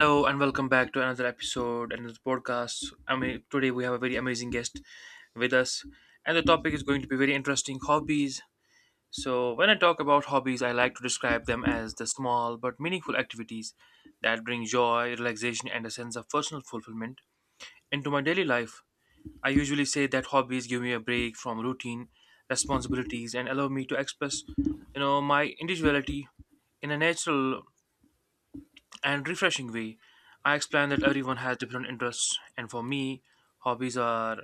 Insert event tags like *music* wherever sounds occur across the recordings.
Hello and welcome back to another episode, another podcast. I mean, today we have a very amazing guest with us, and the topic is going to be very interesting hobbies. So, when I talk about hobbies, I like to describe them as the small but meaningful activities that bring joy, relaxation, and a sense of personal fulfillment into my daily life. I usually say that hobbies give me a break from routine responsibilities and allow me to express, you know, my individuality in a natural and refreshing way. I explained that everyone has different interests, and for me, hobbies are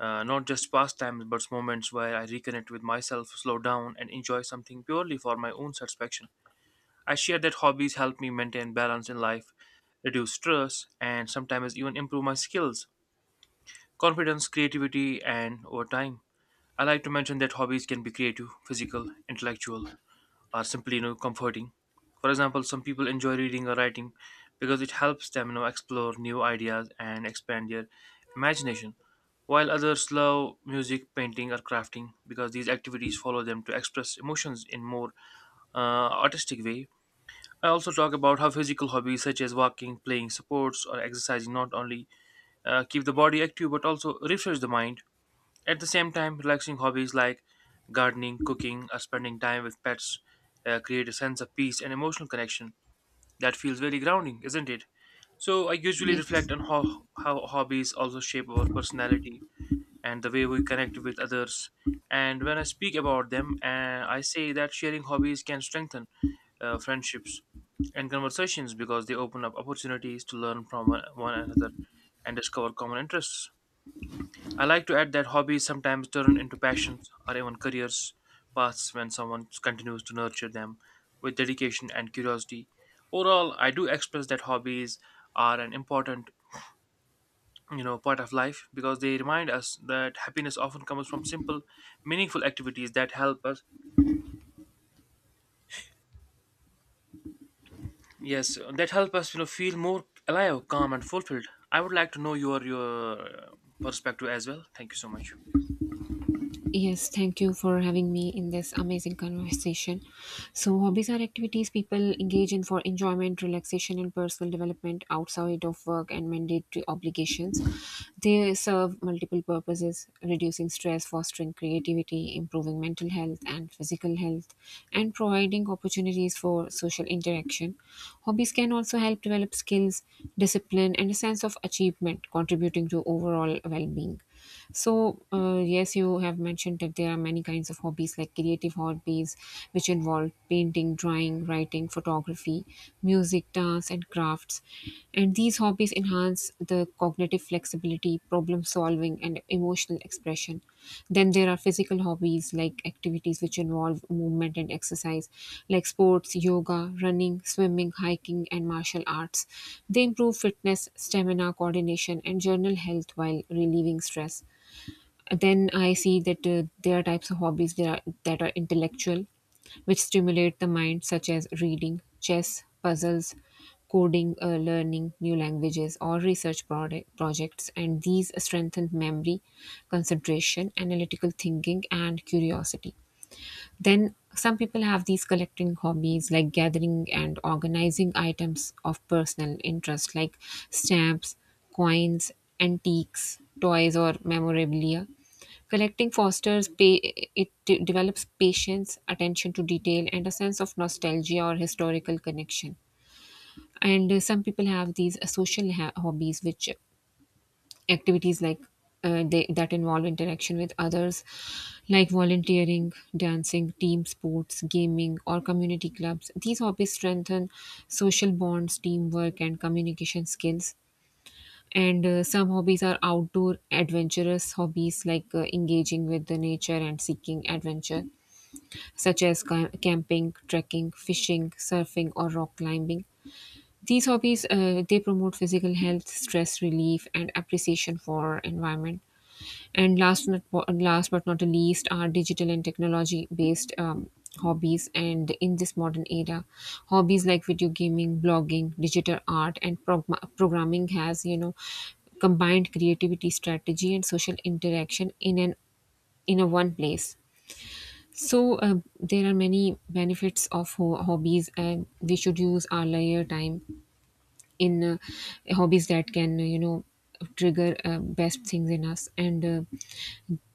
not just pastimes but moments where I reconnect with myself, slow down, and enjoy something purely for my own satisfaction. I shared that hobbies help me maintain balance in life, reduce stress, and sometimes even improve my skills, confidence, creativity, and over time. I like to mention that hobbies can be creative, physical, intellectual, are simply comforting. For example, some people enjoy reading or writing because it helps them explore new ideas and expand their imagination, while others love music, painting, or crafting because these activities follow them to express emotions in more artistic way. I also talk about how physical hobbies such as walking, playing sports, or exercising not only keep the body active but also refresh the mind at the same time, relaxing hobbies like gardening, cooking, or spending time with pets create a sense of peace and emotional connection that feels very grounding, isn't it? So, I usually Yes. reflect on how hobbies also shape our personality and the way we connect with others. And when I speak about them, I say that sharing hobbies can strengthen friendships and conversations because they open up opportunities to learn from one another and discover common interests. I like to add that hobbies sometimes turn into passions or even careers paths when someone continues to nurture them with dedication and curiosity. Overall, I do express that hobbies are an important, you know, part of life because they remind us that happiness often comes from simple, meaningful activities that help us, yes, that help us, you know, feel more alive, calm, and fulfilled. I would like to know your perspective as well. Thank you so much. Yes, thank you for having me in this amazing conversation. So, hobbies are activities people engage in for enjoyment, relaxation, and personal development outside of work and mandatory obligations. They serve multiple purposes reducing stress, fostering creativity, improving mental health and physical health, and providing opportunities for social interaction. Hobbies can also help develop skills, discipline, and a sense of achievement, contributing to overall well being. So, yes, you have mentioned that there are many kinds of hobbies, like creative hobbies, which involve painting, drawing, writing, photography, music, dance, and crafts. And these hobbies enhance the cognitive flexibility, problem solving, and emotional expression. Then there are physical hobbies, like activities which involve movement and exercise, like sports, yoga, running, swimming, hiking, and martial arts. They improve fitness, stamina, coordination, and general health while relieving stress. Then I see that there are types of hobbies that are intellectual, which stimulate the mind, such as reading, chess, puzzles, coding, learning new languages, or research projects. And these strengthen memory, concentration, analytical thinking, and curiosity. Then some people have these collecting hobbies like gathering and organizing items of personal interest like stamps, coins, antiques, toys, or memorabilia. Collecting fosters pay, it develops patience, attention to detail, and a sense of nostalgia or historical connection. And some people have these social hobbies which activities like they, that involve interaction with others, like volunteering, dancing, team sports, gaming, or community clubs. These hobbies strengthen social bonds, teamwork, and communication skills. And some hobbies are outdoor adventurous hobbies like engaging with the nature and seeking adventure, such as camping, trekking, fishing, surfing, or rock climbing. These hobbies they promote physical health, stress relief, and appreciation for environment. And last but not the least are digital and technology based hobbies. And in this modern era, hobbies like video gaming, blogging, digital art, and programming has combined creativity, strategy, and social interaction in an in a one place. So there are many benefits of hobbies, and we should use our leisure time in hobbies that can trigger best things in us, and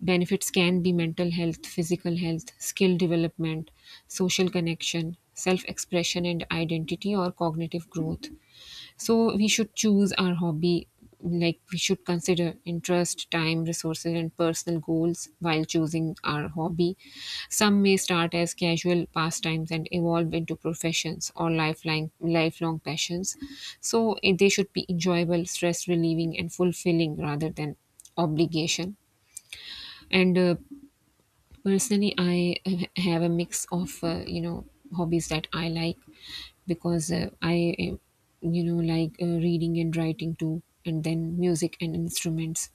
benefits can be mental health, physical health, skill development, social connection, self expression and identity, or cognitive growth. So we should choose our hobby, like we should consider interest, time, resources, and personal goals while choosing our hobby. Some may start as casual pastimes and evolve into professions or lifelong passions. So they should be enjoyable, stress relieving, and fulfilling rather than obligation. And personally, I have a mix of hobbies that I like, because I like reading and writing too, and then music and instruments.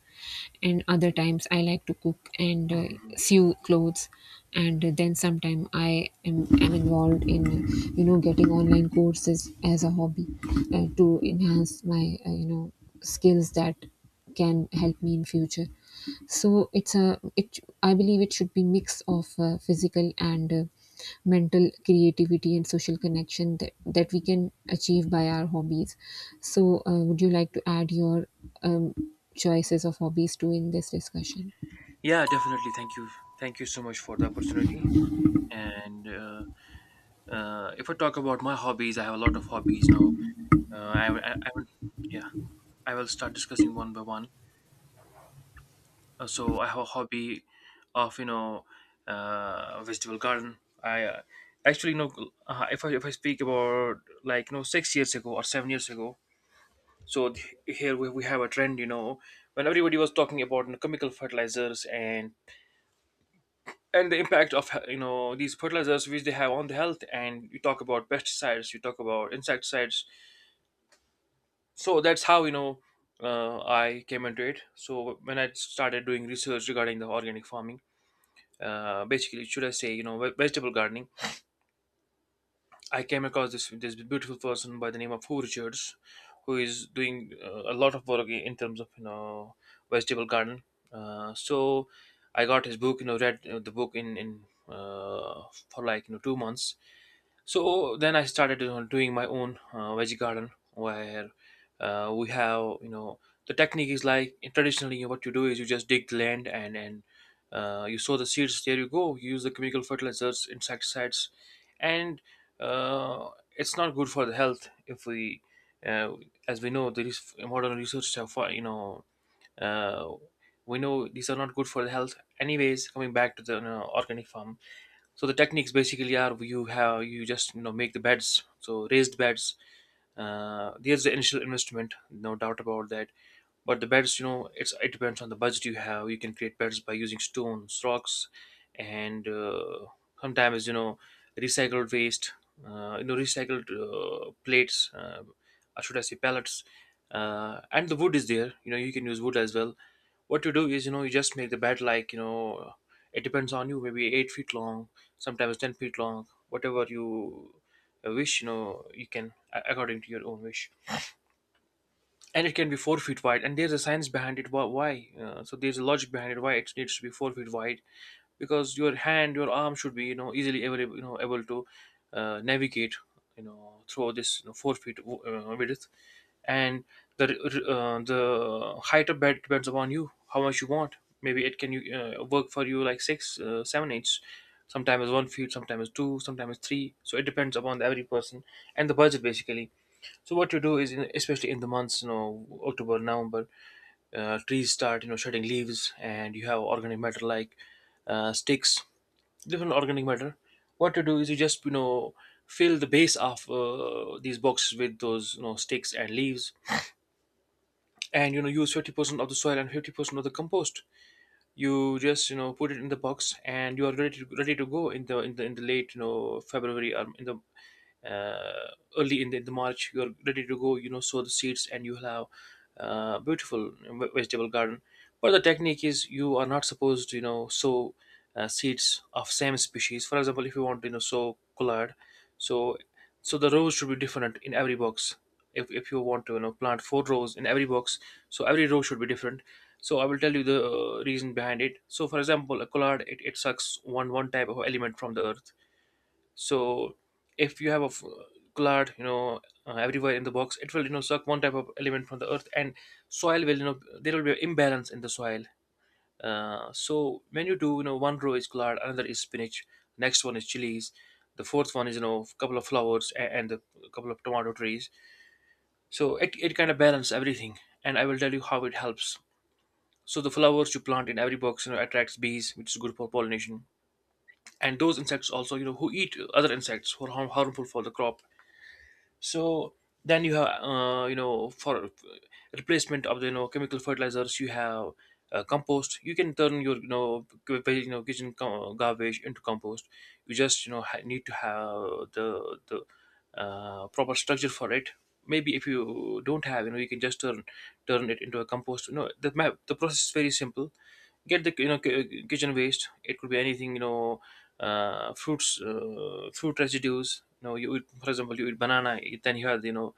And other times I like to cook and sew clothes, and then sometime I am involved in, getting online courses as a hobby to enhance my skills that can help me in future. So it's a it I believe it should be mix of physical and mental creativity and social connection that we can achieve by our hobbies. So would you like to add your um, choices of hobbies too in this discussion? Yeah, definitely. Thank you. Thank you so much for the opportunity and. If I talk about my hobbies, I have a lot of hobbies. Uh, I, I, I will, yeah, I will start discussing one by one. So I have a hobby of vegetable garden. I actually you know If I speak about like you know 6 years ago or 7 years ago. So here we have a trend. You know, when everybody was talking about you know, chemical fertilizers and the impact of you know these fertilizers which they have on the health, and you talk about pesticides, you talk about insecticides. So that's how I came into it. So when I started doing research regarding the organic farming, basically should I say you know vegetable gardening, I came across this beautiful person by the name of Hugh Richards, who is doing a lot of work in terms of you know vegetable garden. So I got his book, you know, read the book in uh, for like you know 2 months. So then I started you know, doing my own veggie garden where we have you know the technique is like traditionally you know, what you do is you just dig the land and you sow the seeds there, you go, you use the chemical fertilizers, insecticides, and uh, it's not good for the health if we uh, as we know there is modern research have you know uh, we know these are not good for the health. Anyways, coming back to the you know, organic farming, so the techniques basically are you have you just you know make the beds, so raised beds. There's the initial investment, no doubt about that, but the beds, you know, it's it depends on the budget you have. You can create beds by using stones, rocks, and sometimes you know recycled waste, you know recycled plates, or should I say pellets, and the wood is there. You know, you can use wood as well. What you do is, you know, you just make the bed, like you know, it depends on you. Maybe 8 feet long, sometimes 10 feet long, whatever you wish. You know, you can according to your own wish, and it can be 4 feet wide, and there's a science behind it wh- why so there's a logic behind it why it needs to be 4 feet wide, because your hand, your arm should be you know easily able, you know, able to navigate you know through this you know, 4 feet width, and the height of bed depends upon you how much you want. Maybe it can you work for you like six 7 inches, sometimes 1 feet, sometimes two, sometimes three. So it depends upon the every person and the budget basically. So what you do is, in, especially in the months, you know, October, November, trees start, you know, shedding leaves, and you have organic matter like sticks, different organic matter. What you do is you just, you know, fill the base of these boxes with those, you know, sticks and leaves, and you know, use 50% of the soil and 50% of the compost. You just, you know, put it in the box, and you are ready to, ready to go in the in the late, you know, February, or in the uh, early in the March. You're ready to go. You know, sow the seeds, and you'll have beautiful vegetable garden. But the technique is you are not supposed to you know sow seeds of same species. For example, if you want to you know sow collard, so so the rows should be different in every box. If you want to you know plant four rows in every box, so every row should be different. So I will tell you the reason behind it. So for example, a collard, it sucks one type of element from the earth. So if you have a cloud you know everywhere in the box, it will you know suck one type of element from the earth, and soil will you know there will be an imbalance in the soil. So when you do you know one row is cloud, another is spinach, next one is chilies, the fourth one is you know a couple of flowers and a couple of tomato trees. So it kind of balance everything, and I will tell you how it helps. So the flowers you plant in every box you know attracts bees, which is good for pollination, and those insects also you know who eat other insects who are harmful for the crop. So then you have you know for replacement of the you know chemical fertilizers you have compost. You can turn your you know you know kitchen garbage into compost. You just you know need to have the proper structure for it. Maybe if you don't have you know you can just turn it into a compost. You know the the process is very simple. Get the you know kitchen waste. It could be anything you know, fruits, fruit residues. You know, you eat, for example, you eat banana, then you have you know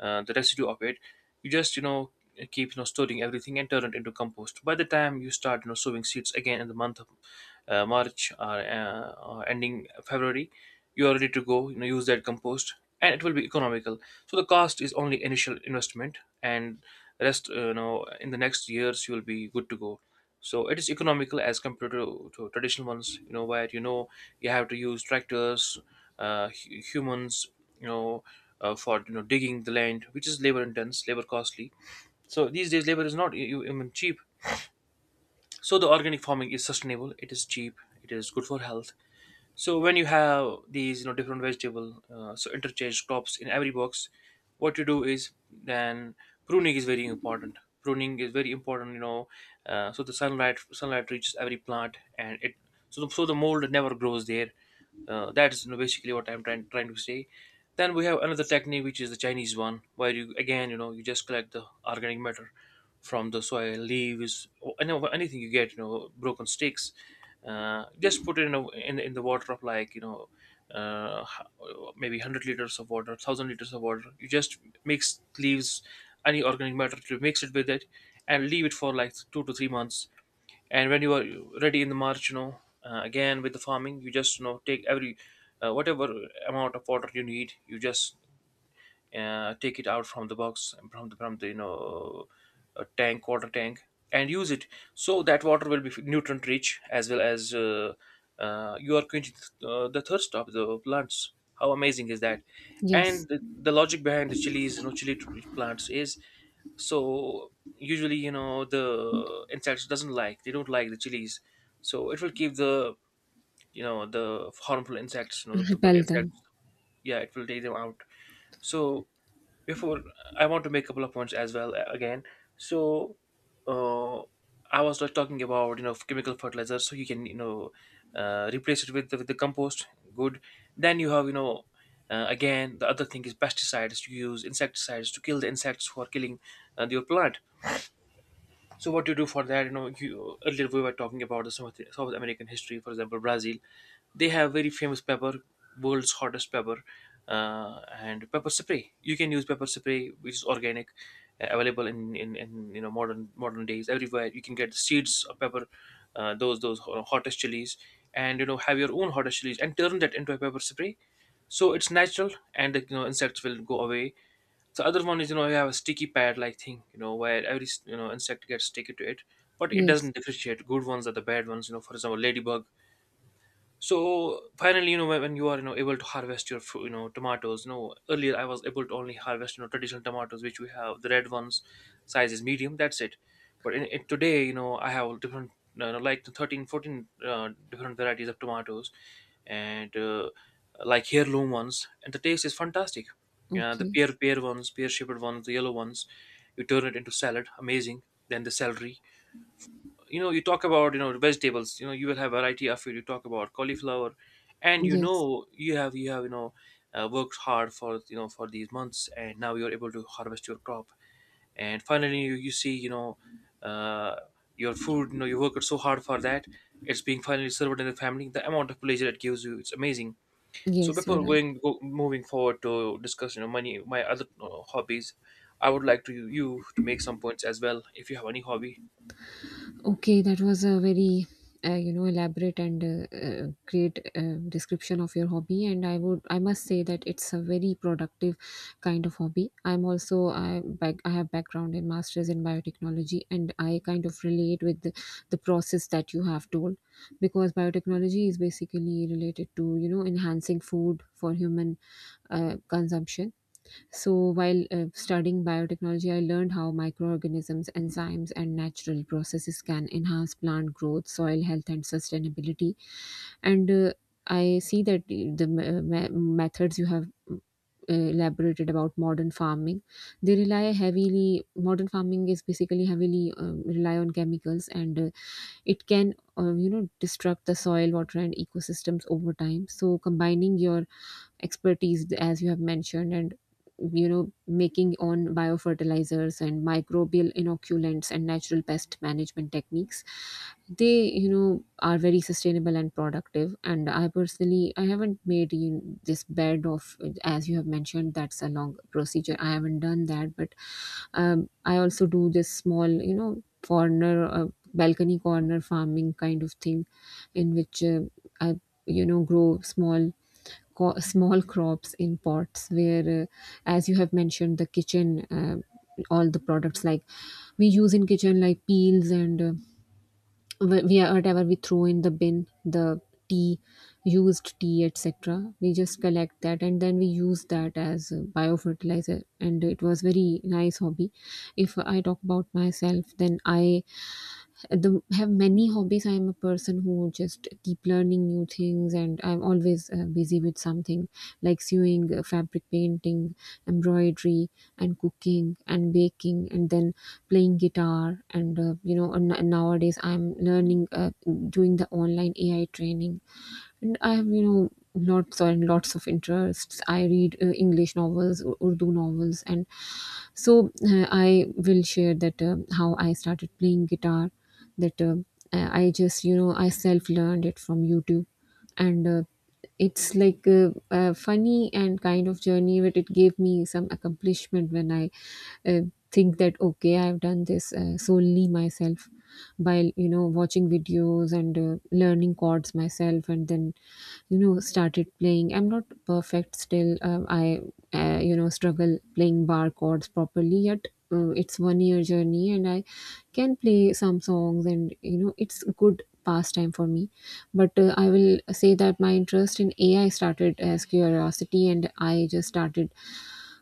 the residue of it. You just you know keep you know storing everything and turn it into compost. By the time you start you know sowing seeds again in the month of March, or or ending February, you are ready to go. You know, use that compost, and it will be economical. So the cost is only initial investment, and rest, you know, in the next years you will be good to go. So it is economical as compared to traditional ones you know where you know you have to use tractors, humans, you know, for you know digging the land, which is labor intense, labor costly. So these days labor is not even cheap. So the organic farming is sustainable, it is cheap, it is good for health. So when you have these, you know, different vegetable, so interchange crops in every box, what you do is then pruning is very important. Pruning is very important, so the sunlight reaches every plant. And so the mold never grows there. That is, basically what I'm trying to say. Then we have another technique, which is the Chinese one, where you, again, you just collect the organic matter from the soil, leaves, or anything you get, broken sticks. Just put it in, in the water of, like, uh, h- maybe 100 liters of water, 1,000 liters of water. You just mix leaves, any organic matter, to mix it with it, and leave it for like 2 to 3 months. And when you are ready in the march, again with the farming, you just, take every, whatever amount of water you need. You just, take it out from the box, from the tank, water tank, and use it. So that water will be nutrient rich, as well as, you are quenching, the thirst of the plants. How amazing is that? Yes. And the logic behind the chilies, plants is, so usually, the insects doesn't like, they don't like the chilies, so it will keep the, the harmful insects, you know, the Repel them. insects. Yeah, it will take them out. So, before, I want to make a couple of points as well, again. So, uh, I was, like, talking about, chemical fertilizer. So you can, replace it with the compost. Good. Then you have, again, the other thing is pesticides. You use insecticides to kill the insects who are killing, your plant. So what you do for that, earlier we were talking about the south american history, for example, brazil. They have very famous pepper, world's hottest pepper, and pepper spray. You can use pepper spray, which is organic, available in, modern days, everywhere. You can get the seeds of pepper, those hottest chilies, and, have your own hottest chilies and turn that into a pepper spray. So it's natural, and the, insects will go away. The other one is, you have a sticky pad like thing, where every, insect gets sticky to it, but it Yes. doesn't differentiate. Good ones are the bad ones, For example, ladybug. So finally, when you are, able to harvest your tomatoes, earlier I was able to only harvest, traditional tomatoes, which we have, the red ones. Size is medium, that's it. But in today, I have different, like, 13, 14, different varieties of tomatoes. And like heirloom ones, and the taste is fantastic. Yeah, the Okay. pear ones, pear shaped ones, the yellow ones. You turn it into salad, amazing. Then the celery. You talk about, vegetables, you will have variety of it. You talk about cauliflower, and, Yes, you have worked hard for, for these months, and now you're able to harvest your crop. And finally you, you see, uh, your food, you worked so hard for that. It's being finally served in the family. The amount of pleasure it gives you, it's amazing. So yes, you're before right. Moving forward to discuss, money, my other hobbies, I would like to you to make some points as well, if you have any hobby. Okay, that was a very elaborate and great description of your hobby, and I must say that it's a very productive kind of hobby. I have background in masters in biotechnology, and I kind of relate with the process that you have told, because biotechnology is basically related to enhancing food for human consumption. So, while studying biotechnology, I learned how microorganisms, enzymes, and natural processes can enhance plant growth, soil health, and sustainability. And I see that the methods you have uh, elaborated about modern farming. They rely heavily Modern farming is basically heavily, rely on chemicals, and it can disrupt the soil, water, and ecosystems over time. So combining your expertise as you have mentioned, and making on biofertilizers and microbial inoculants and natural pest management techniques, they are very sustainable and productive. And I personally I haven't made, this bed of as you have mentioned. That's a long procedure. I haven't done that, but I also do this small, corner, balcony corner farming kind of thing, in which I grow small small crops in pots, where as you have mentioned, the kitchen, all the products like we use in kitchen, like peels and wh- we whatever we throw in the bin, the tea, used tea, etc., we just collect that and then we use that as a biofertilizer. And it was very nice hobby. If I talk about myself, then I the have many hobbies. I'm a person who just keep learning new things, and I'm always busy with something, like sewing, fabric painting, embroidery, and cooking and baking, and then playing guitar. And nowadays I'm learning, doing the online AI training. And I have, lots and lots of interests. I read English novels, Urdu novels, and so I will share that how I started playing guitar. That, I self learned it from YouTube, and it's like a funny and kind of journey, but it gave me some accomplishment when I uh, think that, okay, I've done this solely myself, by watching videos and learning chords myself, and then started playing. I'm not perfect still. I struggle playing bar chords properly yet. It's 1 year journey, and I can play some songs, and it's a good pastime for me. But I will say that my interest in AI started as curiosity, and I just started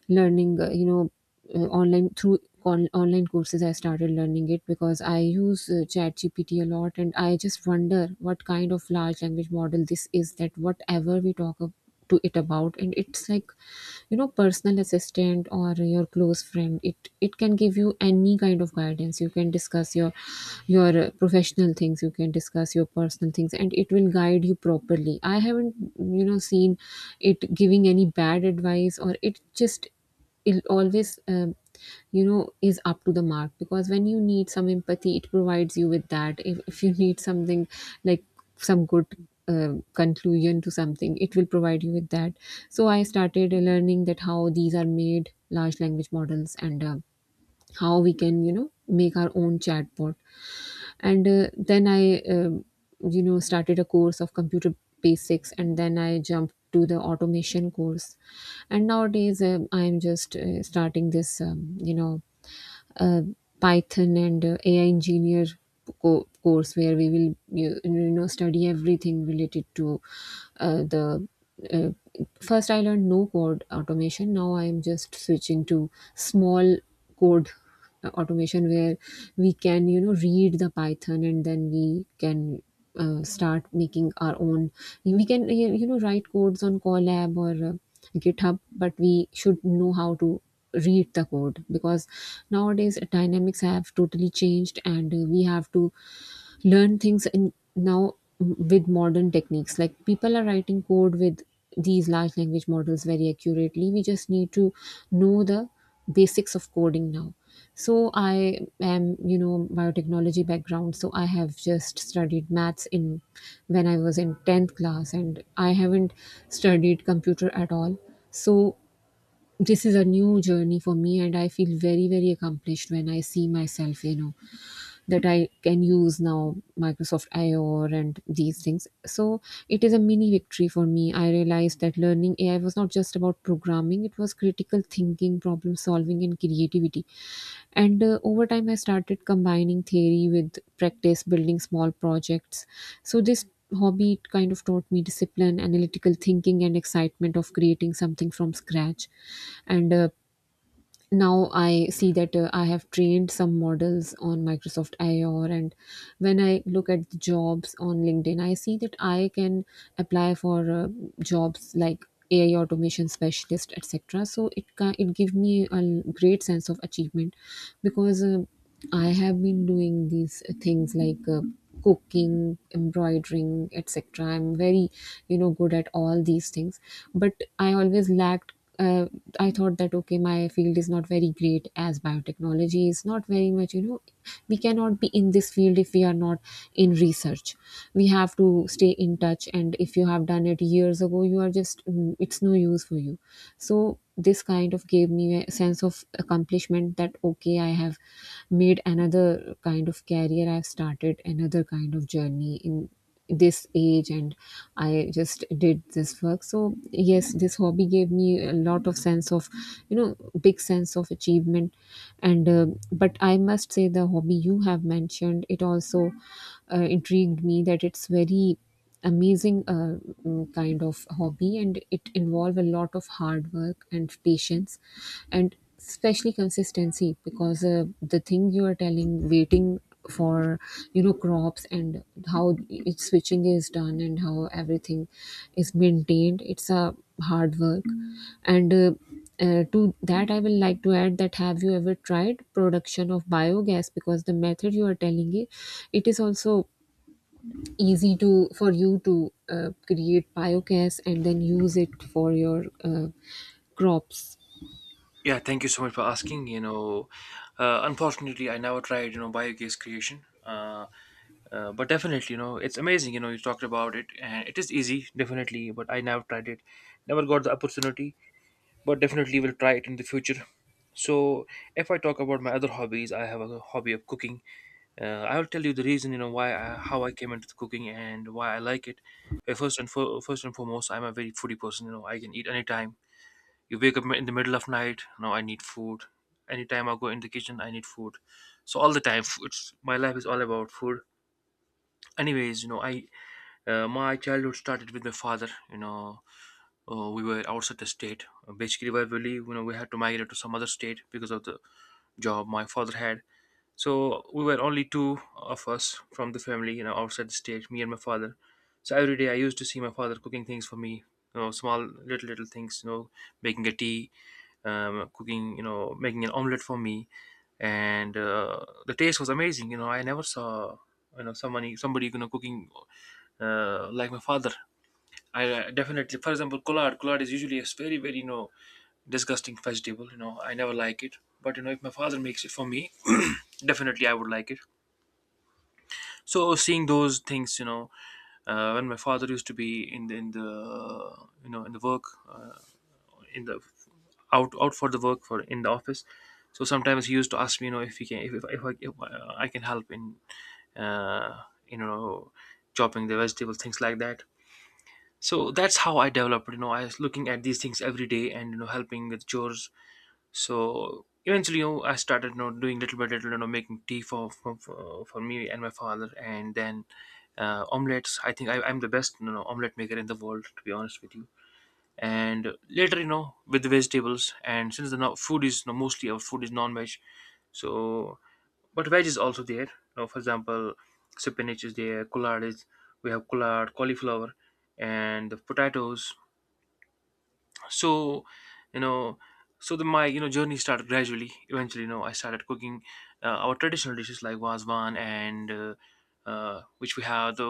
learning online through online courses. I started learning it because I use chat a lot, and I just wonder what kind of large language model this is, that whatever we talk to it about, and it's like, personal assistant or your close friend, it can give you any kind of guidance. You can discuss your professional things, you can discuss your personal things, and it will guide you properly. I haven't seen it giving any bad advice, or it always is up to the mark, because when you need some empathy, it provides you with that. If you *laughs* need something like some good conclusion to something, it will provide you with that. So I started learning that how these are made, large language models, and how we can make our own chatbot. And then I, started a course of computer basics, and then I jumped to the automation course. And nowadays, I'm just starting this, uh, Python and AI engineer course, where we will, study everything related to, the uh, first I learned no code automation. Now I'm just switching to small code automation, where we can, read the Python, and then we can start making our own. We can, write codes on Colab or GitHub, but we should know how to read the code, because nowadays dynamics have totally changed, and we have to learn things in now with modern techniques, like people are writing code with these large language models very accurately. We just need to know the basics of coding now. So I am, biotechnology background, so I have just studied maths in when I was in 10th class, and I haven't studied computer at all. So this is a new journey for me, and I feel very very accomplished when I see myself, that I can use now Microsoft IOR and these things. So it is a mini victory for me. I realized that learning AI was not just about programming, it was critical thinking, problem solving, and creativity. And over time, I started combining theory with practice, building small projects. So this hobby kind of taught me discipline, analytical thinking, and excitement of creating something from scratch and now I see that I have trained some models on Microsoft IOR, and when I look at the jobs on LinkedIn, I see that I can apply for jobs like AI automation specialist, etc. So it gives me a great sense of achievement, because I have been doing these things like cooking, embroidering, etc. I'm very, you know, good at all these things, but I always lacked, uh, I thought that, okay, my field is not very great, as biotechnology is not very much, you know, we cannot be in this field if we are not in research. We have to stay in touch, and if you have done it years ago, you are just it's no use for you. So this kind of gave me a sense of accomplishment that, okay, I have made another kind of career, I've started another kind of journey in this age, and I just did this work. So yes, this hobby gave me a lot of sense of, you know, big sense of achievement. And But I must say, the hobby you have mentioned, it also intrigued me, that it's very amazing, kind of hobby, and it involve a lot of hard work and patience, and especially consistency, because the thing you are telling, waiting for, you know, crops, and how it switching is done, and how everything is maintained, it's a hard work. And To that, I will like to add, that have you ever tried production of biogas? Because the method you are telling, it is also easy to for you to create biogas and then use it for your crops. Yeah, thank you so much for asking. Unfortunately, I never tried, biogas creation. But definitely, it's amazing. You talked about it, and it is easy, definitely. But I never tried it, never got the opportunity. But definitely, will try it in the future. So, if I talk about my other hobbies, I have a hobby of cooking. I will tell you the reason, why I, how I came into the cooking and why I like it. First and foremost, I'm a very foodie person. I can eat anytime. You wake up in the middle of night, no, I need food. Anytime I go in the kitchen, I need food. So all the time, it's, my life is all about food. Anyways, you know I my childhood started with my father. We were outside the state. Basically, where we live, we had to migrate to some other state because of the job my father had. So we were only two of us from the family, outside the state, me and my father. So every day I used to see my father cooking things for me, small little things, making a tea, cooking, making an omelette for me, and the taste was amazing. I never saw, somebody, cooking, like my father. I, definitely, for example, collard. Collard is usually a very, very, disgusting vegetable. I never like it. But, if my father makes it for me, *clears throat* definitely I would like it. So seeing those things, when my father used to be in the, in the, in the work, in the out for the work, for, in the office. So sometimes he used to ask me, if he can, if I can help in, uh, you know, chopping the vegetables, things like that. So that's how I developed. I was looking at these things every day and, helping with chores. So eventually, I started, doing little by little, making tea for me and my father. And then, omelets, I think I'm the best, omelet maker in the world, to be honest with you. And later, with the vegetables. And since the, now food is, you mostly, our food is non-veg, so, but veg is also there. Now, for example, spinach is there, collard is, we have collard, cauliflower, and the potatoes. So, you know so the, my, journey started gradually. Eventually, I started cooking, our traditional dishes, like wazwan, and which we have the,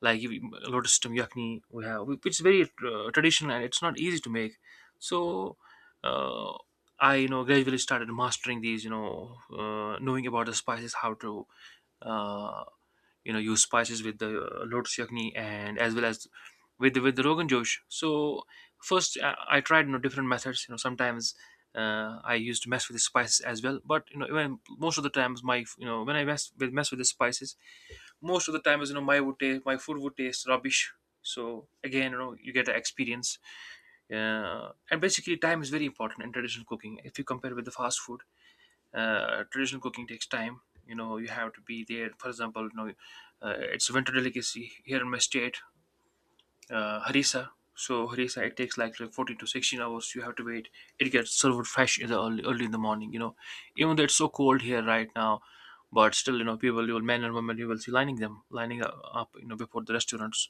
like, if lotus stem yakni we have, which is very traditional and it's not easy to make. So, uh, I, gradually started mastering these, knowing about the spices, how to, uh, use spices with the, lotus yakni, and as well as with the rogan josh. So first, I tried, different methods. Sometimes, I used to mess with the spices as well. But, even most of the times, my, when I mess with the spices, most of the times, my food would taste rubbish. So, again, you get the experience. And basically, time is very important in traditional cooking if you compare with the fast food. Traditional cooking takes time. You have to be there. For example, it's a winter delicacy here in my state, harissa. So harissa, it takes like 14 to 16 hours. You have to wait. It gets served fresh in the early in the morning. Even though it's so cold here right now, but still, people, you will, men and women you will see, lining up, before the restaurants,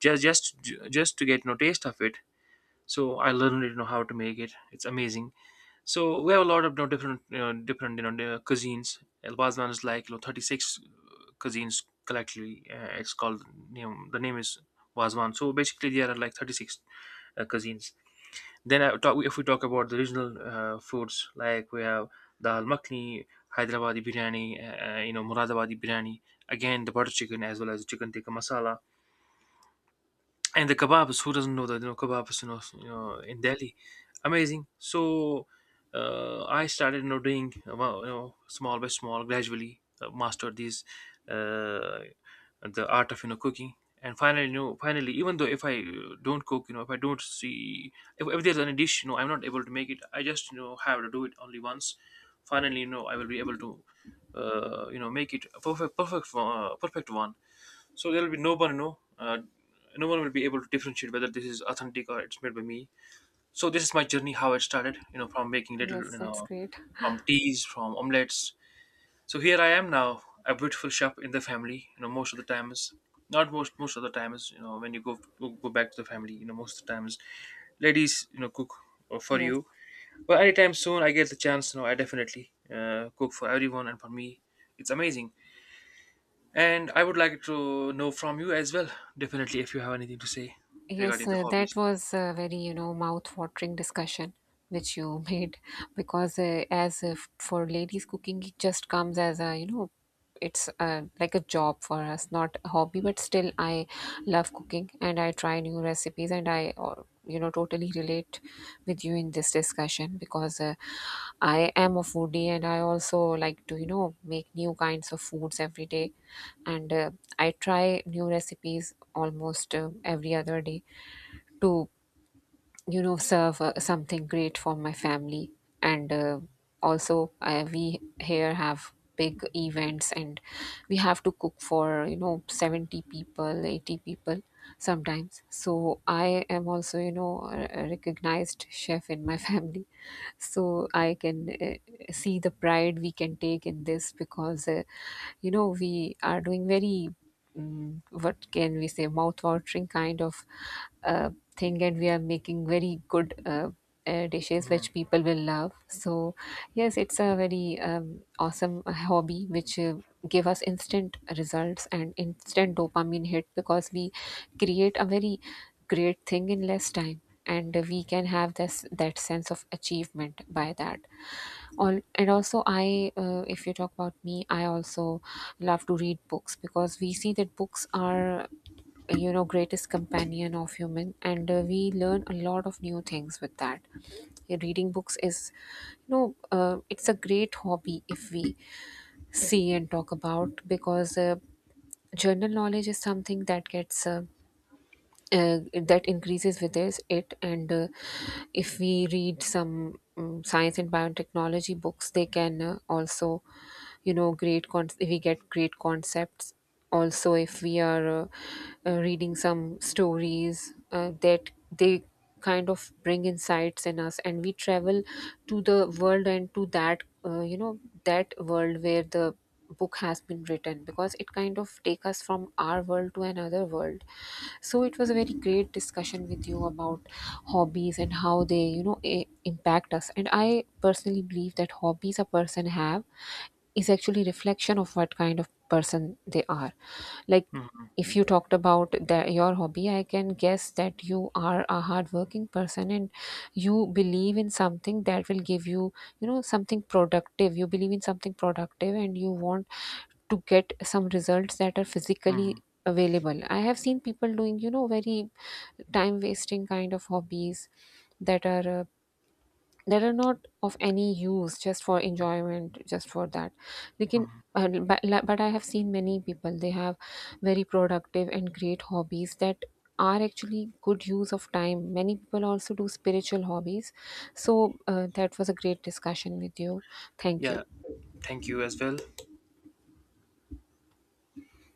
just just just to get no taste of it. So I learned, how to make it. It's amazing. So we have a lot of, different, different, the cuisines. El Bazan is, like, 36 cuisines collectively. It's called, the name is Wazwan. So basically there are like 36 cuisines. If we talk about the regional foods, like, we have dal makhni, Hyderabadi biryani, Muradabadi biryani. Again, the butter chicken, as well as chicken tikka masala, and the kebabs. Who doesn't know that, kebabs, in delhi, amazing. So, I started, doing, well, small by small, gradually, mastered these, uh, the art of, cooking. And finally, finally, even though if I, don't cook, if I don't see, if there's any dish, I'm not able to make it, I just, have to do it only once, finally, I will be able to, make it a perfect one. So there will be no one, no one will be able to differentiate whether this is authentic or it's made by me. So this is my journey, how it started, from making little, Yes, that's great. from teas, from omelets. So here I am now, a beautiful chef in the family. Most of the time is, not most, most of the time is when you go back to the family. Most of the times, ladies, cook, for Yes. you. But anytime soon I get the chance, I definitely cook for everyone and for me. It's amazing, and I would like to know from you as well, definitely, if you have anything to say Yes, regarding the that hobbies. was a very, you know, mouth-watering discussion which you *laughs* made, because as if for ladies cooking, it just comes as a, you know, it's like a job for us, not a hobby, but still I love cooking and I try new recipes, and I or you know, totally relate with you in this discussion, because I am a foodie and I also like to, you know, make new kinds of foods every day. And I try new recipes almost every other day to, you know, serve something great for my family. And Also, we here have big events and we have to cook for, you know, 70 people, 80 people sometimes. So I am also, you know, a recognized chef in my *laughs* family. So I can see the pride we can take in this, because you know, we are doing very, what can we say, mouth-watering kind of uh, thing, and we are making very good dishes Mhm, which people will love. So yes, it's a very awesome hobby which give us instant results and instant dopamine hit, because we create a very great thing in less time, and we can have this that sense of achievement by that. All, and also I if you talk about me, I also love to read books, because we see that books are, you know, greatest companion of human, and we learn a lot of new things with that. Yeah, reading books is, you know, it's a great hobby, if we see and talk about, because general knowledge is something that gets that increases with this it, and if we read some science and biotechnology books, they can also, you know, if we get great concepts. Also, if we are reading some stories, that they kind of bring insights in us, and we travel to the world and to that you know, that world where the book has been written, because it kind of take us from our world to another world. So it was a very great discussion with you about hobbies and how they, you know, impact us. And I personally believe that hobbies a person have is actually reflection of what kind of person they are. Like, mhm, if you talked about the, your hobby, I can guess that you are a hardworking person, and you believe in something that will give you, you know, something productive. You believe in something productive, and you want to get some results that are mhm, physically available. I have seen people doing, you know, very time wasting kind of hobbies that are uh, that are not of any use, just for enjoyment, just for that. Lekin, mhm. uh, but, but I have seen many people, they have very productive and great hobbies that are actually good use of time. Many people also do spiritual hobbies. So that was a great discussion with you. Thank you. Yeah, thank you as well.